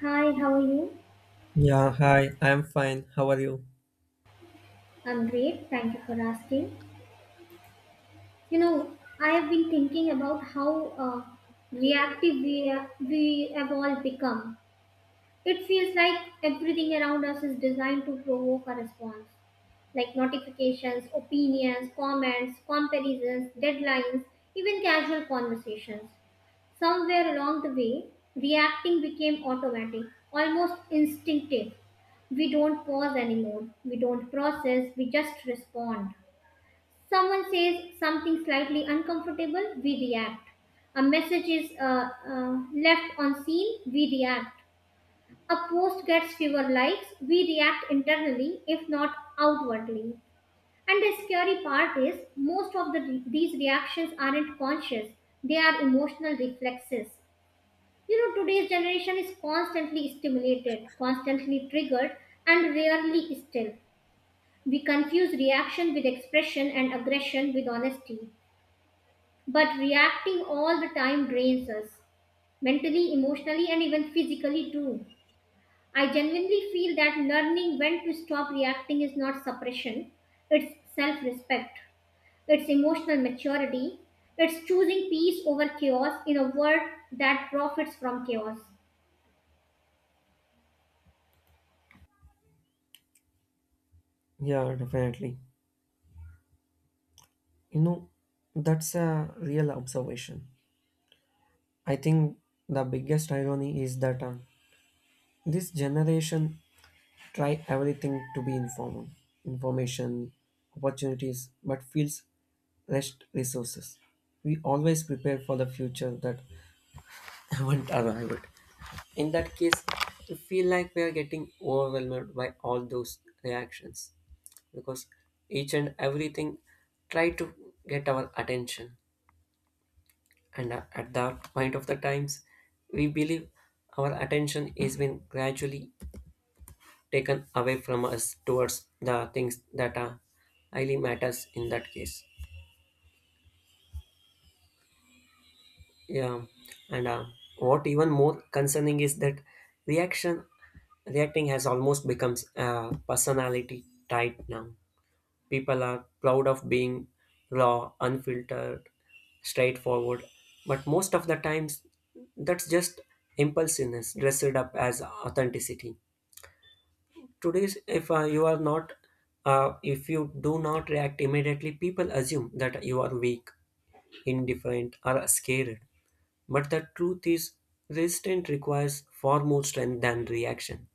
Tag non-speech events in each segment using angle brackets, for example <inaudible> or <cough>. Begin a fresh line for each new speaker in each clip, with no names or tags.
Hi, how are you?
Yeah, hi, I'm fine. How are you?
I'm great. Thank you for asking. You know, I have been thinking about how reactive we have all become. It feels like everything around us is designed to provoke a response, like notifications, opinions, comments, comparisons, deadlines, even casual conversations. Somewhere along the way, reacting became automatic, almost instinctive. We don't pause anymore. We don't process. We just respond. Someone says something slightly uncomfortable, we react. A message is left on scene, we react. A post gets fewer likes, we react internally, if not outwardly. And the scary part is, most of these reactions aren't conscious, they are emotional reflexes. You know, today's generation is constantly stimulated, constantly triggered, and rarely still. We confuse reaction with expression and aggression with honesty. But reacting all the time drains us, mentally, emotionally, and even physically too. I genuinely feel that learning when to stop reacting is not suppression, it's self respect, it's emotional maturity, it's choosing peace over chaos in a world that profits from chaos.
Yeah, definitely. You know, that's a real observation. I think the biggest irony is that this generation try everything to be informal, information, opportunities, but feels rest resources. We always prepare for the future that <laughs> haven't arrived. In that case, we feel like we are getting overwhelmed by all those reactions, because each and everything try to get our attention, and at that point of the times we believe our attention is been gradually taken away from us towards the things that are highly matters in that case. Yeah, and what even more concerning is that reaction reacting has almost becomes a personality type now. People are proud of being raw, unfiltered, straightforward, but most of the times that's just impulsiveness dressed up as authenticity. Today, if you do not react immediately, people assume that you are weak, indifferent, or scared. But the truth is, resistance requires far more strength than reaction.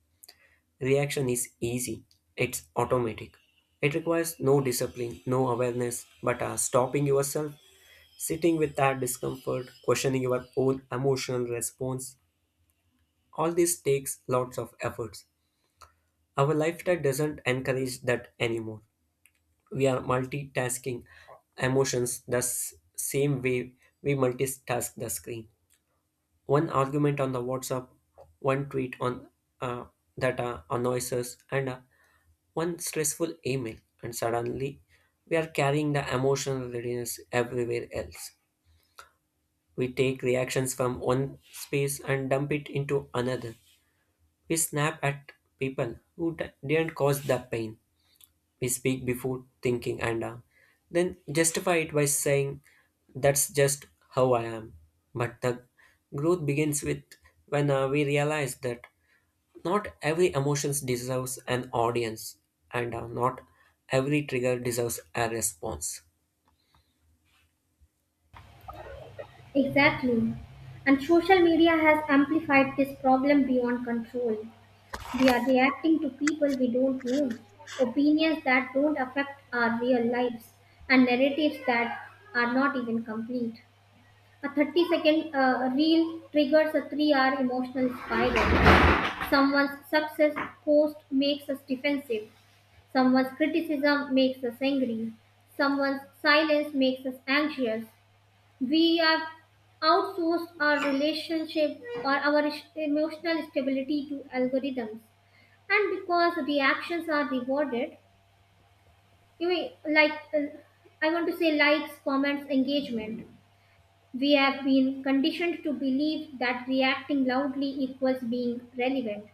Reaction is easy, it's automatic. It requires no discipline, no awareness, but stopping yourself, sitting with that discomfort, questioning your own emotional response, all this takes lots of efforts. Our lifestyle doesn't encourage that anymore. We are multitasking emotions the same way we multitask the screen. One argument on the WhatsApp, one tweet on uh, that annoys us, and one stressful email, and suddenly we are carrying the emotional readiness everywhere else. We take reactions from one space and dump it into another. We snap at people who didn't cause the pain. We speak before thinking, and then justify it by saying that's just how I am. But the growth begins with when we realize that not every emotions deserves an audience, and not every trigger deserves a response.
Exactly. And social media has amplified this problem beyond control. We are reacting to people we don't know, opinions that don't affect our real lives, and narratives that are not even complete. A 30 second reel triggers a 3-hour emotional spiral. Someone's success post makes us defensive, someone's criticism makes us angry, someone's silence makes us anxious. We have outsourced our relationship or our emotional stability to algorithms, and because the actions are rewarded, you mean, like I want to say likes, comments, engagement, we have been conditioned to believe that reacting loudly equals being relevant.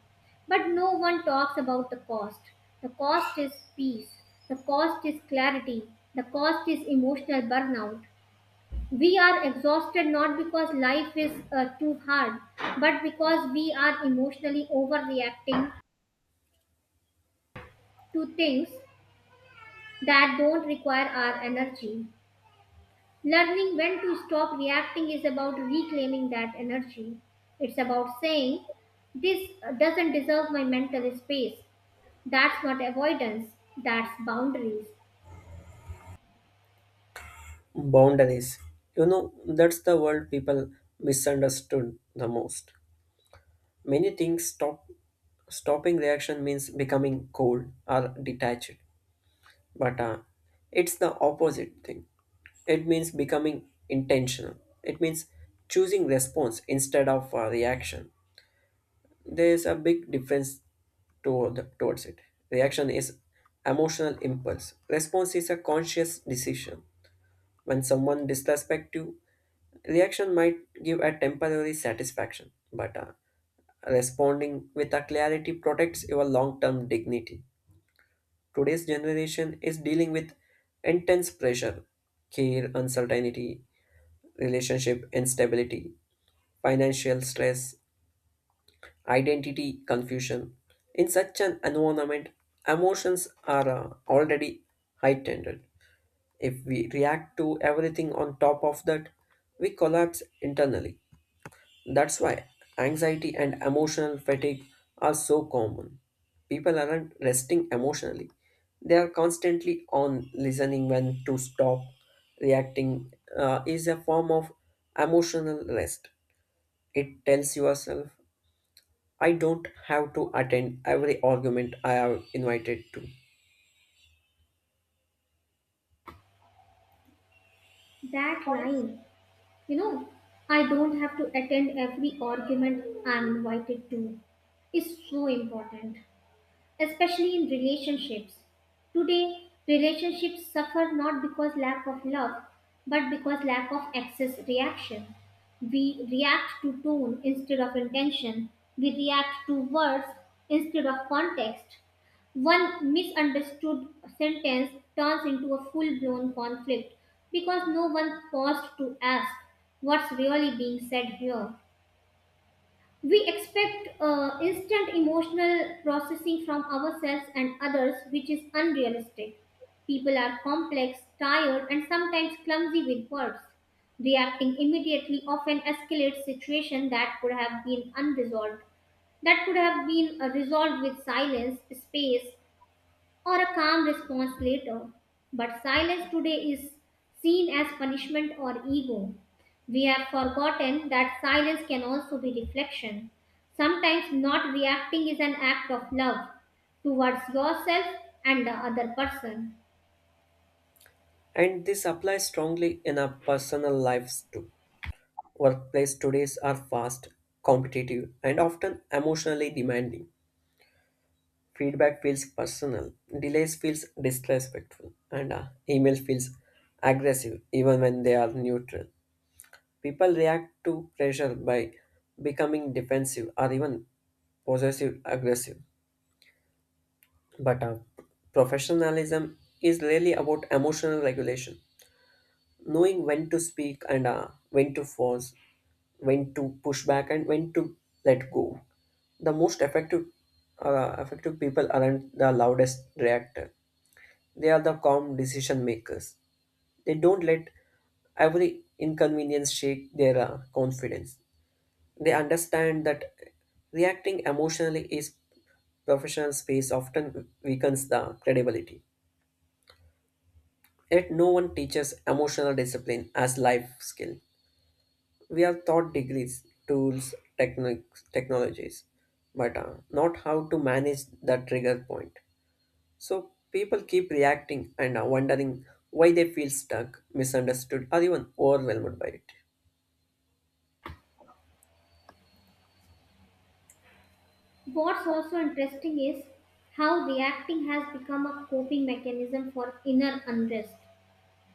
But no one talks about the cost. The cost is peace. The cost is clarity. The cost is emotional burnout. We are exhausted not because life is too hard, but because we are emotionally overreacting to things that don't require our energy. Learning when to stop reacting is about reclaiming that energy. It's about saying, "This doesn't deserve my mental space." That's not avoidance, that's boundaries.
Boundaries, you know, that's the word people misunderstood the most. Many things stop, stopping reaction means becoming cold or detached. But it's the opposite thing. It means becoming intentional. It means choosing response instead of reaction. There is a big difference towards it. Reaction is emotional impulse. Response is a conscious decision. When someone disrespects you, reaction might give a temporary satisfaction, but responding with a clarity protects your long-term dignity. Today's generation is dealing with intense pressure, care uncertainty, relationship instability, financial stress, identity confusion. In such an environment, emotions are already heightened. If we react to everything on top of that, we collapse internally. That's why anxiety and emotional fatigue are so common. People aren't resting emotionally. They are constantly on listening when to stop. Reacting is a form of emotional rest. It tells yourself, I don't have to attend every argument I have invited to.
That line, you know, "I don't have to attend every argument I'm invited to," is so important, especially in relationships. Today, relationships suffer not because lack of love, but because lack of excess reaction. We react to tone instead of intention. We react to words instead of context. One misunderstood sentence turns into a full blown conflict because no one paused to ask what's really being said here. We expect instant emotional processing from ourselves and others, which is unrealistic. People are complex, tired, and sometimes clumsy with words. Reacting immediately often escalates situations that could have been unresolved, that could have been resolved with silence, space, or a calm response later. But silence today is seen as punishment or ego. We have forgotten that silence can also be reflection. Sometimes not reacting is an act of love towards yourself and the other person.
And this applies strongly in our personal lives too. Workplace todays are fast, competitive, and often emotionally demanding. Feedback feels personal, delays feels disrespectful, and email feels aggressive even when they are neutral. People react to pressure by becoming defensive or even possessive aggressive. But professionalism is really about emotional regulation, knowing when to speak and when to pause, when to push back, and when to let go. The most effective people aren't the loudest reactor. They are the calm decision makers. They don't let every inconvenience shake their confidence. They understand that reacting emotionally is professional space often weakens the credibility. Yet no one teaches emotional discipline as life skill. We are taught degrees, tools, techniques, technologies, but not how to manage the trigger point. So people keep reacting and wondering why they feel stuck, misunderstood, or even overwhelmed by it.
What's also interesting is how reacting has become a coping mechanism for inner unrest.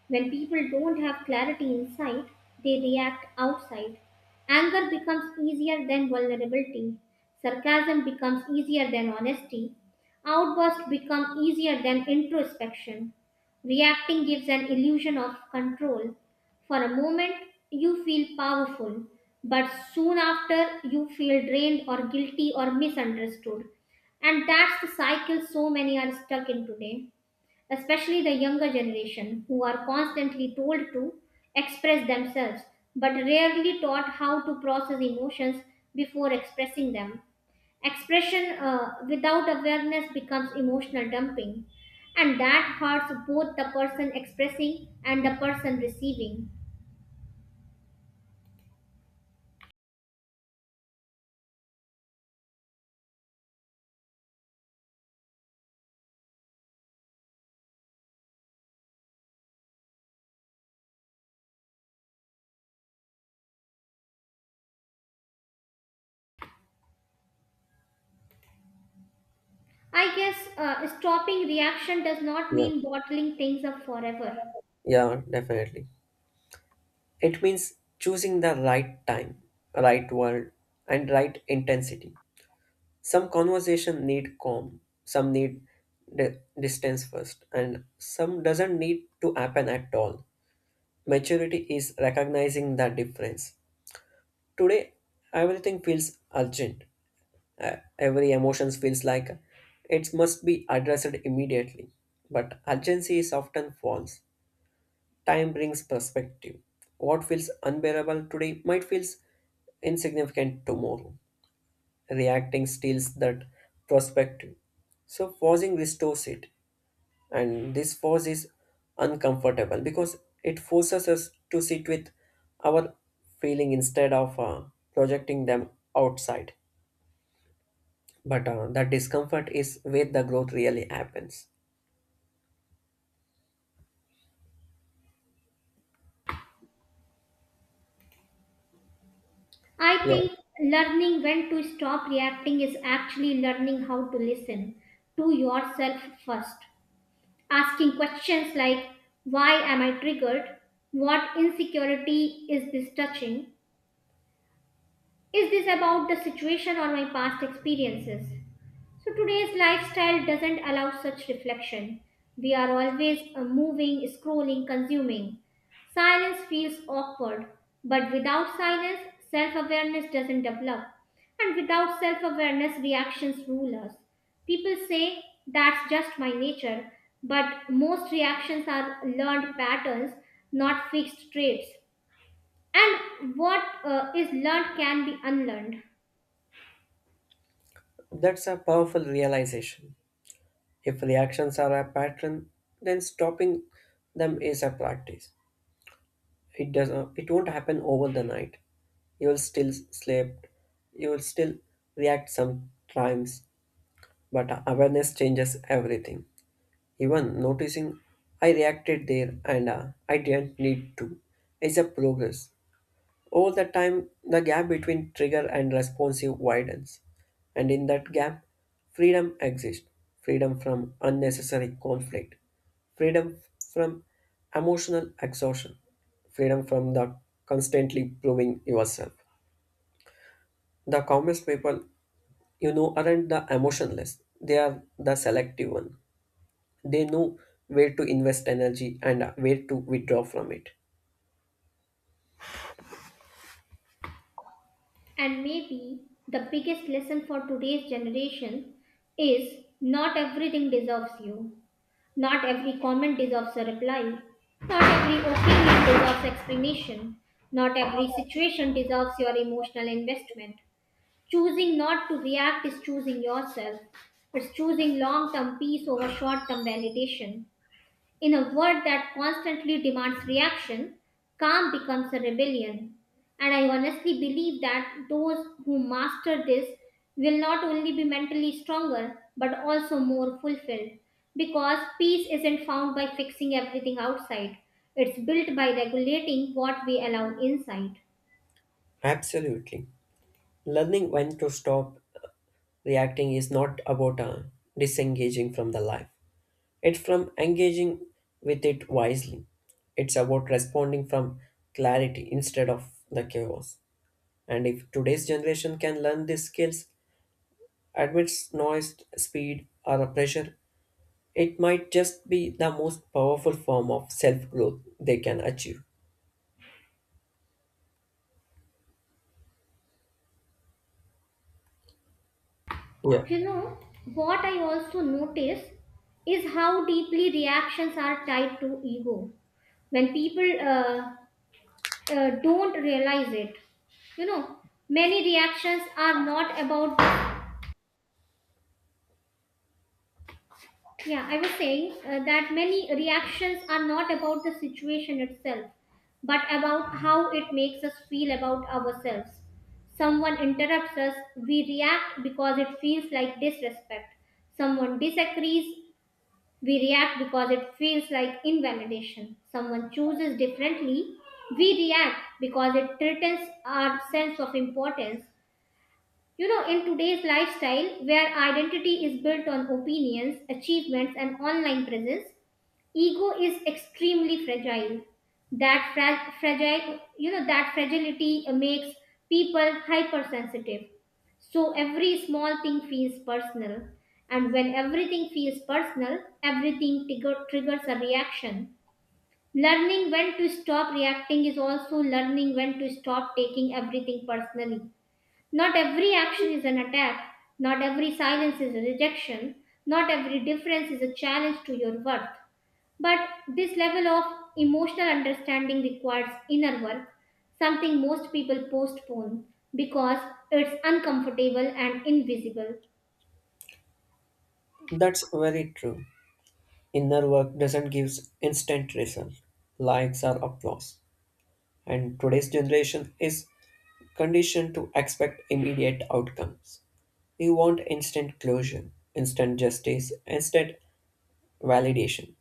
When people don't have clarity inside, they react outside. Anger becomes easier than vulnerability. Sarcasm becomes easier than honesty. Outbursts become easier than introspection. Reacting gives an illusion of control. For a moment, you feel powerful, but soon after, you feel drained or guilty or misunderstood. And that's the cycle so many are stuck in today, especially the younger generation, who are constantly told to express themselves but rarely taught how to process emotions before expressing them. Expression without awareness becomes emotional dumping, and that hurts both the person expressing and the person receiving. I guess stopping reaction does not
Yeah,
mean bottling things up forever.
yeah, definitely. It means choosing the right time, right word, and right intensity. Some conversation need calm, some need distance first, and some doesn't need to happen at all. Maturity is recognizing the difference. Today, everything feels urgent. Every emotions feels like it must be addressed immediately, but urgency is often false. Time brings perspective. What feels unbearable today might feel insignificant tomorrow. Reacting steals that perspective. So, pausing restores it, and this pause is uncomfortable because it forces us to sit with our feeling instead of projecting them outside. But the discomfort is where the growth really happens.
I
Yeah,
think learning when to stop reacting is actually learning how to listen to yourself first. Asking questions like, "Why am I triggered? What insecurity is this touching? Is this about the situation or my past experiences?" So today's lifestyle doesn't allow such reflection. We are always moving, scrolling, consuming. Silence feels awkward, but without silence, self awareness doesn't develop. And without self awareness, reactions rule us. People say that's just my nature, but most reactions are learned patterns, not fixed traits. And what is learned can be unlearned.
that's a powerful realization. If reactions are a pattern, then stopping them is a practice. It does. It won't happen over the night. You will still sleep. You will still react sometimes, but awareness changes everything. Even noticing I reacted there and I didn't need to is a progress. Over the time, the gap between trigger and responsive widens, and in that gap, freedom exists: freedom from unnecessary conflict, freedom from emotional exhaustion, freedom from the constantly proving yourself. The calmest people you know aren't the emotionless, they are the selective one. They know where to invest energy and where to withdraw from it.
And maybe the biggest lesson for today's generation is not everything deserves you. Not every comment deserves a reply. Not every opinion deserves explanation. Not every situation deserves your emotional investment. Choosing not to react is choosing yourself. It's choosing long term peace over short term validation. In a world that constantly demands reaction, calm becomes a rebellion. And I honestly believe that those who master this will not only be mentally stronger but also more fulfilled. Because peace isn't found by fixing everything outside, it's built by regulating what we allow inside.
Absolutely. Learning when to stop reacting is not about disengaging from the life, it's from engaging with it wisely. It's about responding from clarity instead of the chaos. And if today's generation can learn these skills, amidst noise, speed, or pressure, it might just be the most powerful form of self growth they can achieve. Yeah,
You know, what I also notice is how deeply reactions are tied to ego when people don't realize it. You know, many reactions are not about. Yeah, I was saying that many reactions are not about the situation itself, but about how it makes us feel about ourselves. Someone interrupts us, we react because it feels like disrespect. Someone disagrees, we react because it feels like invalidation. Someone chooses differently, we react because it threatens our sense of importance. You know, in today's lifestyle, where identity is built on opinions, achievements, and online presence, ego is extremely fragile. That fra- fragile, you know, That fragility makes people hypersensitive. So every small thing feels personal, and when everything feels personal, triggers a reaction. Learning when to stop reacting is also learning when to stop taking everything personally. Not every action is an attack. Not every silence is a rejection. Not every difference is a challenge to your worth. But this level of emotional understanding requires inner work, something most people postpone because it's uncomfortable and invisible.
that's very true. Inner work doesn't give instant result, likes or applause. And today's generation is conditioned to expect immediate outcomes. We want instant closure, instant justice, instant validation.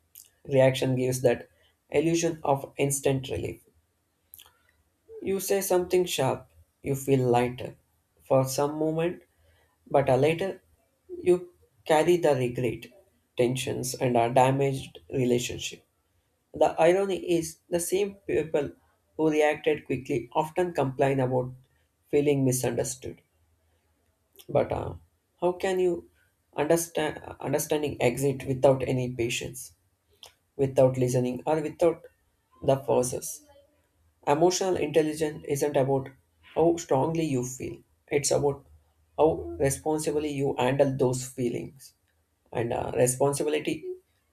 Reaction gives that illusion of instant relief. You say something sharp, you feel lighter for some moment, but later you carry the regret, tensions, and a damaged relationship. The irony is the same people who reacted quickly often complain about feeling misunderstood. But how can you understand understanding exit without any patience, without listening, or without the process? Emotional intelligence isn't about how strongly you feel; it's about how responsibly you handle those feelings. And responsibility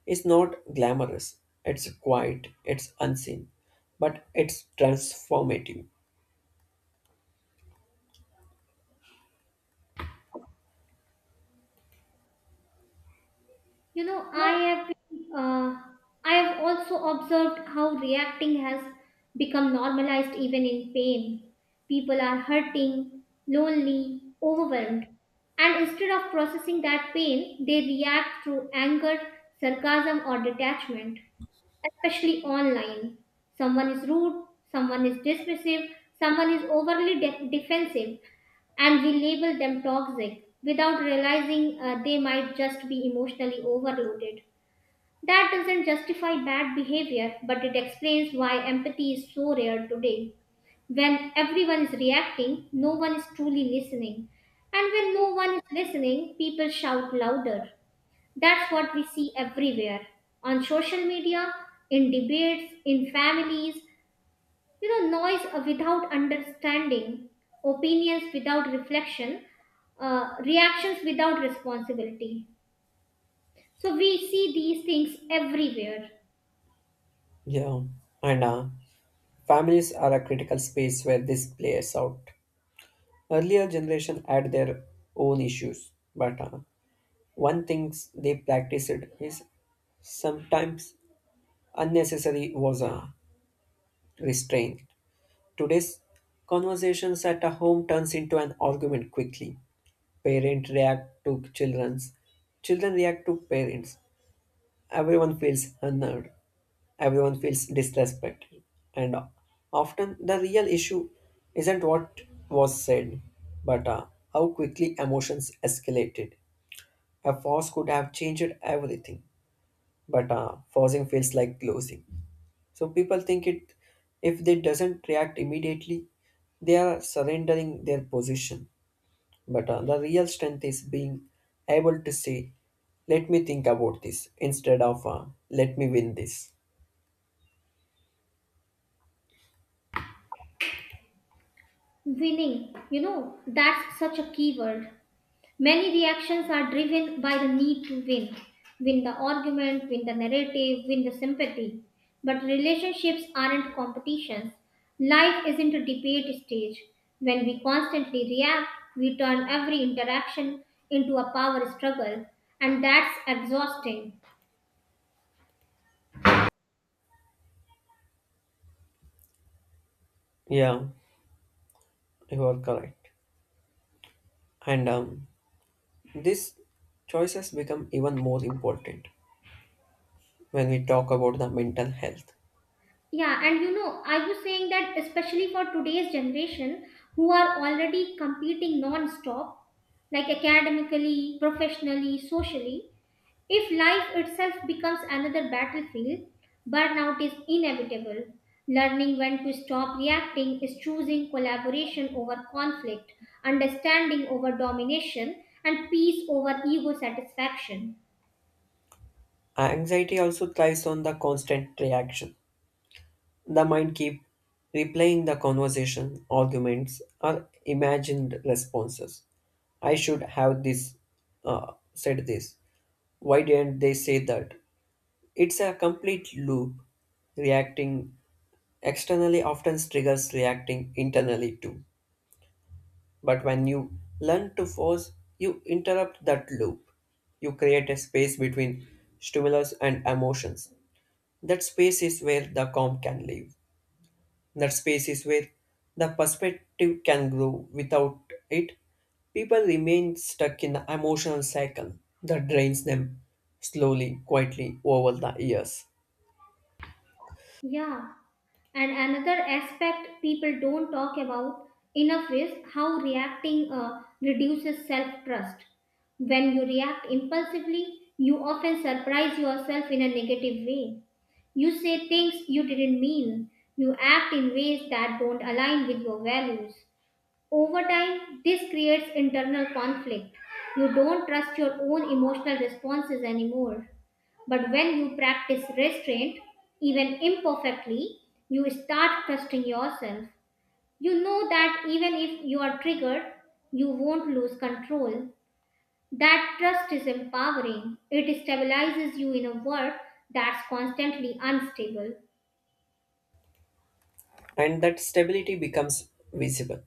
is not glamorous; it's quiet, it's unseen, but it's transformative.
You know, I have been, uh, I have also observed how reacting has become normalized even in pain. People are hurting, lonely, overwhelmed, and instead of processing that pain, they react through anger, sarcasm, or detachment, especially online. Someone is rude, someone is dismissive, someone is defensive, and we label them toxic without realizing they might just be emotionally overloaded. That doesn't justify bad behavior, but it explains why empathy is so rare today. When everyone is reacting, no one is truly listening. And when no one is listening, people shout louder. That's what we see everywhere, on social media, in debates, in families, you know, noise without understanding, opinions without reflection, reactions without responsibility. So we see these things everywhere.
Yeah, and families are a critical space where this plays out. Earlier generation had their own issues, but one thing they practiced is sometimes unnecessary was restraint. Today's conversations at a home turns into an argument quickly. Parents react to children's, children react to parents. Everyone feels unnerved. Everyone feels disrespected, and often the real issue isn't what was said, but how quickly emotions escalated. A force could have changed everything, but forcing feels like closing. So people think it if they doesn't react immediately, they are surrendering their position. But the real strength is being able to say, "Let me think about this," instead of "Let me win this."
Winning, you know, that's such a key word. Many reactions are driven by the need to win, win the argument, win the narrative, win the sympathy. But relationships aren't competitions. Life isn't a debate stage. When we constantly react, we turn every interaction into a power struggle, and that's exhausting.
Yeah, you are correct. And these choices become even more important when we talk about the mental health.
Yeah, and you know, I was saying that especially for today's generation who are already competing non stop, like academically, professionally, socially, if life itself becomes another battlefield, burnout is inevitable. Learning when to stop reacting is choosing collaboration over conflict, understanding over domination, and peace over ego satisfaction.
Anxiety also thrives on the constant reaction. The mind keeps replaying the conversation, arguments, or imagined responses. I should have this said this. Why didn't they say that? It's a complete loop. Reacting externally often triggers reacting internally too. But when you learn to force, you interrupt that loop. You create a space between stimulus and emotions. That space is where the calm can live. That space is where the perspective can grow. Without it, people remain stuck in the emotional cycle that drains them slowly, quietly over the years.
Yeah. And another aspect people don't talk about enough is how reacting reduces self trust. When you react impulsively, you often surprise yourself in a negative way. You say things you didn't mean. You act in ways that don't align with your values. Over time, this creates internal conflict. You don't trust your own emotional responses anymore. But when you practice restraint, even imperfectly, you start trusting yourself. You know that even if you are triggered, you won't lose control. That trust is empowering. It stabilizes you in a world that's constantly unstable.
And that stability becomes visible.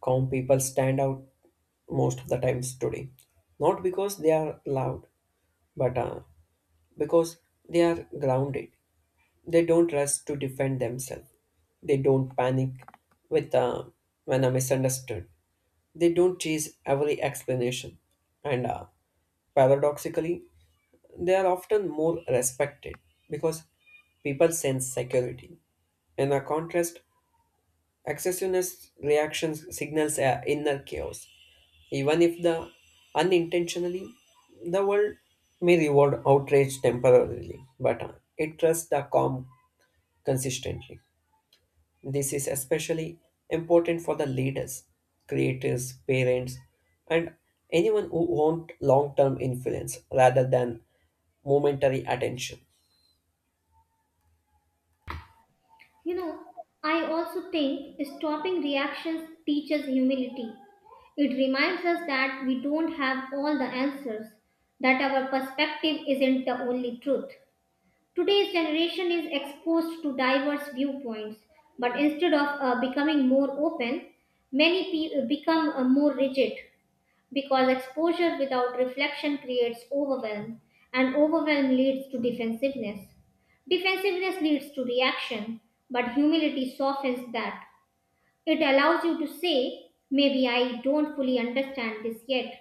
Calm people stand out most of the times today, not because they are loud, but because they are grounded. They don't rush to defend themselves. They don't panic with when I'm misunderstood. They don't chase every explanation, and paradoxically, they are often more respected because people sense security. In a contrast, excessiveness reactions signals a inner chaos. Even if the unintentionally, the world may reward outrage temporarily, but it trusts the calm consistently. This is especially important for the leaders, creators, parents, and anyone who want long term influence rather than momentary attention.
You know, I also think stopping reactions teaches humility. It reminds us that we don't have all the answers, that our perspective isn't the only truth. Today's generation is exposed to diverse viewpoints, but instead of becoming more open, become more rigid because exposure without reflection creates overwhelm, and overwhelm leads to defensiveness. Defensiveness leads to reaction, but humility softens that. It allows you to say, "Maybe I don't fully understand this yet."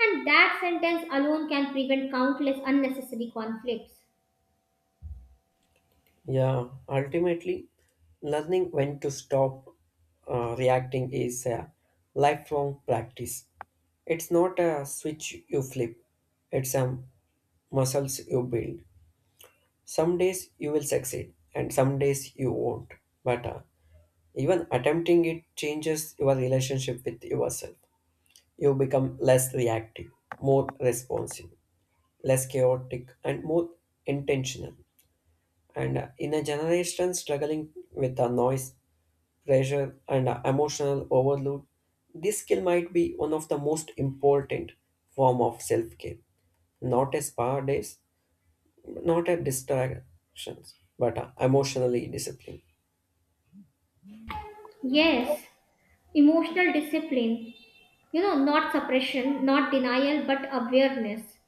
And that sentence alone can prevent countless unnecessary conflicts.
Yeah, ultimately, learning when to stop reacting is a lifelong practice. It's not a switch you flip, it's a muscles you build. Some days you will succeed, and some days you won't. But even attempting it changes your relationship with yourself. You become less reactive, more responsive, less chaotic, and more intentional. And in a generation struggling with the noise, pressure, and emotional overload, this skill might be one of the most important form of self-care. Not a spa days, not a distractions, but emotionally disciplined.
Yes, emotional discipline, you know, not suppression, not denial, but awareness.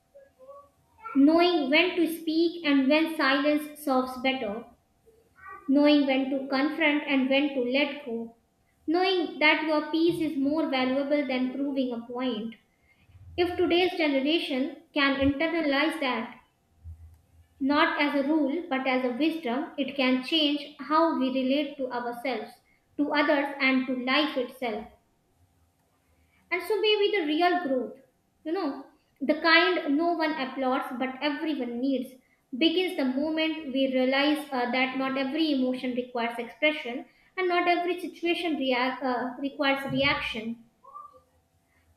Knowing when to speak and when silence serves better. Knowing when to confront and when to let go. Knowing that your peace is more valuable than proving a point. If today's generation can internalize that, not as a rule but as a wisdom, it can change how we relate to ourselves, to others, and to life itself. And so maybe the real growth, you know, the kind no one applauds but everyone needs, begins the moment we realize that not every emotion requires expression and not every situation react, requires reaction.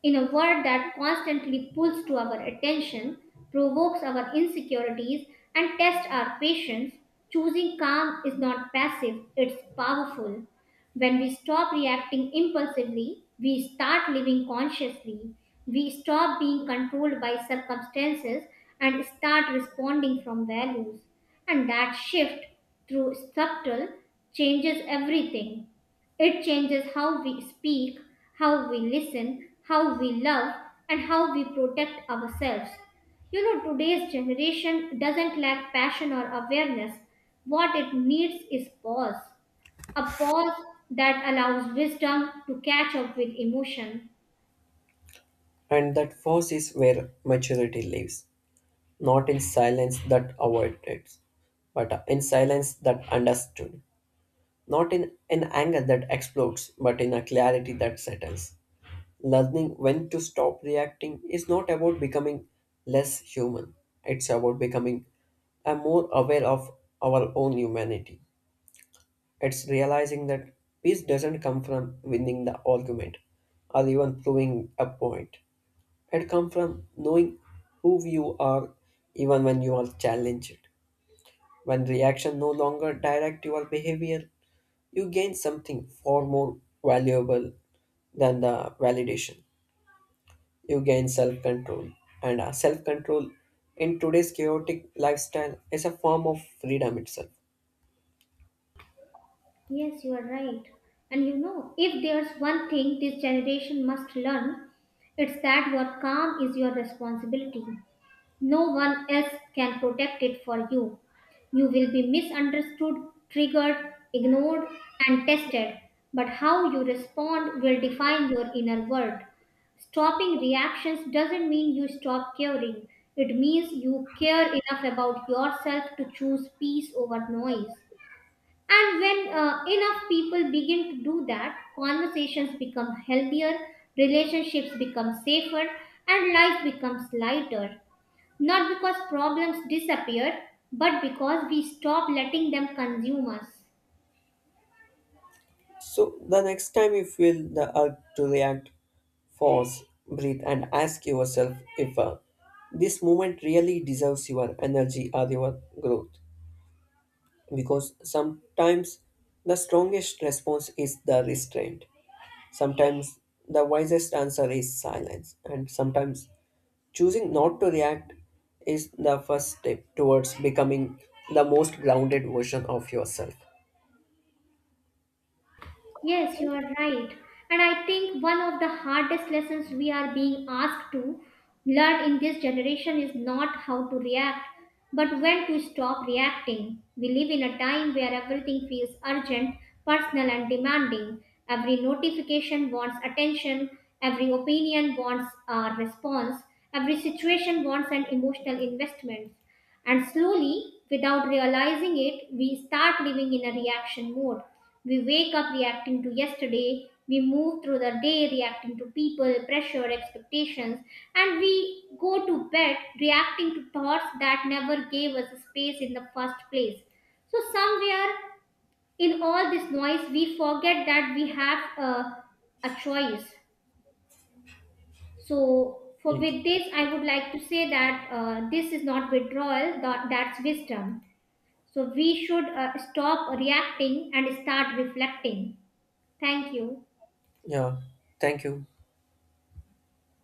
In a world that constantly pulls to our attention, provokes our insecurities, and tests our patience, choosing calm is not passive, it's powerful. When we stop reacting impulsively, we start living consciously. We stop being controlled by circumstances and start responding from values. And that shift, through subtle, changes everything. It changes how we speak, how we listen, how we love, and how we protect ourselves. You know, today's generation doesn't lack passion or awareness. What it needs is pause. A pause that allows wisdom to catch up with emotion.
And that force is where maturity lives. Not in silence that avoided, but in silence that understood, not in an anger that explodes, but in a clarity that settles. Learning when to stop reacting is not about becoming less human, it's about becoming a more aware of our own humanity. It's realizing that peace doesn't come from winning the argument or even proving a point. It comes from knowing who you are even when you are challenged. When reaction no longer direct your behavior, you gain something far more valuable than the validation. You gain self control. And self control in today's chaotic lifestyle is a form of freedom itself.
Yes, you are right. And you know, if there's one thing this generation must learn, it's that your calm is your responsibility. No one else can protect it for you. You will be misunderstood, triggered, ignored, and tested. But how you respond will define your inner world. Stopping reactions doesn't mean you stop caring, it means you care enough about yourself to choose peace over noise. And when enough people begin to do that, conversations become healthier, relationships become safer, and life becomes lighter. Not because problems disappeared, but because we stop letting them consume us.
So, the next time you feel the urge to react, pause, breathe, and ask yourself if this moment really deserves your energy or your growth. Because sometimes the strongest response is the restraint. Sometimes the wisest answer is silence, and sometimes choosing not to react is the first step towards becoming the most grounded version of yourself.
Yes, you are right. And I think one of the hardest lessons we are being asked to learn in this generation is not how to react, but when to stop reacting. We live in a time where everything feels urgent, personal, and demanding. Every notification wants attention, every opinion wants a response, every situation wants an emotional investment. And slowly, without realizing it, we start living in a reaction mode. We wake up reacting to yesterday, we move through the day reacting to people, pressure, expectations, and we go to bed reacting to thoughts that never gave us space in the first place. So, somewhere in all this noise, we forget that we have a choice. So, for
Yeah.
with this, I would like to say that this is not withdrawal. That's wisdom. So we should stop reacting and start reflecting. Thank you.
Yeah. Thank you.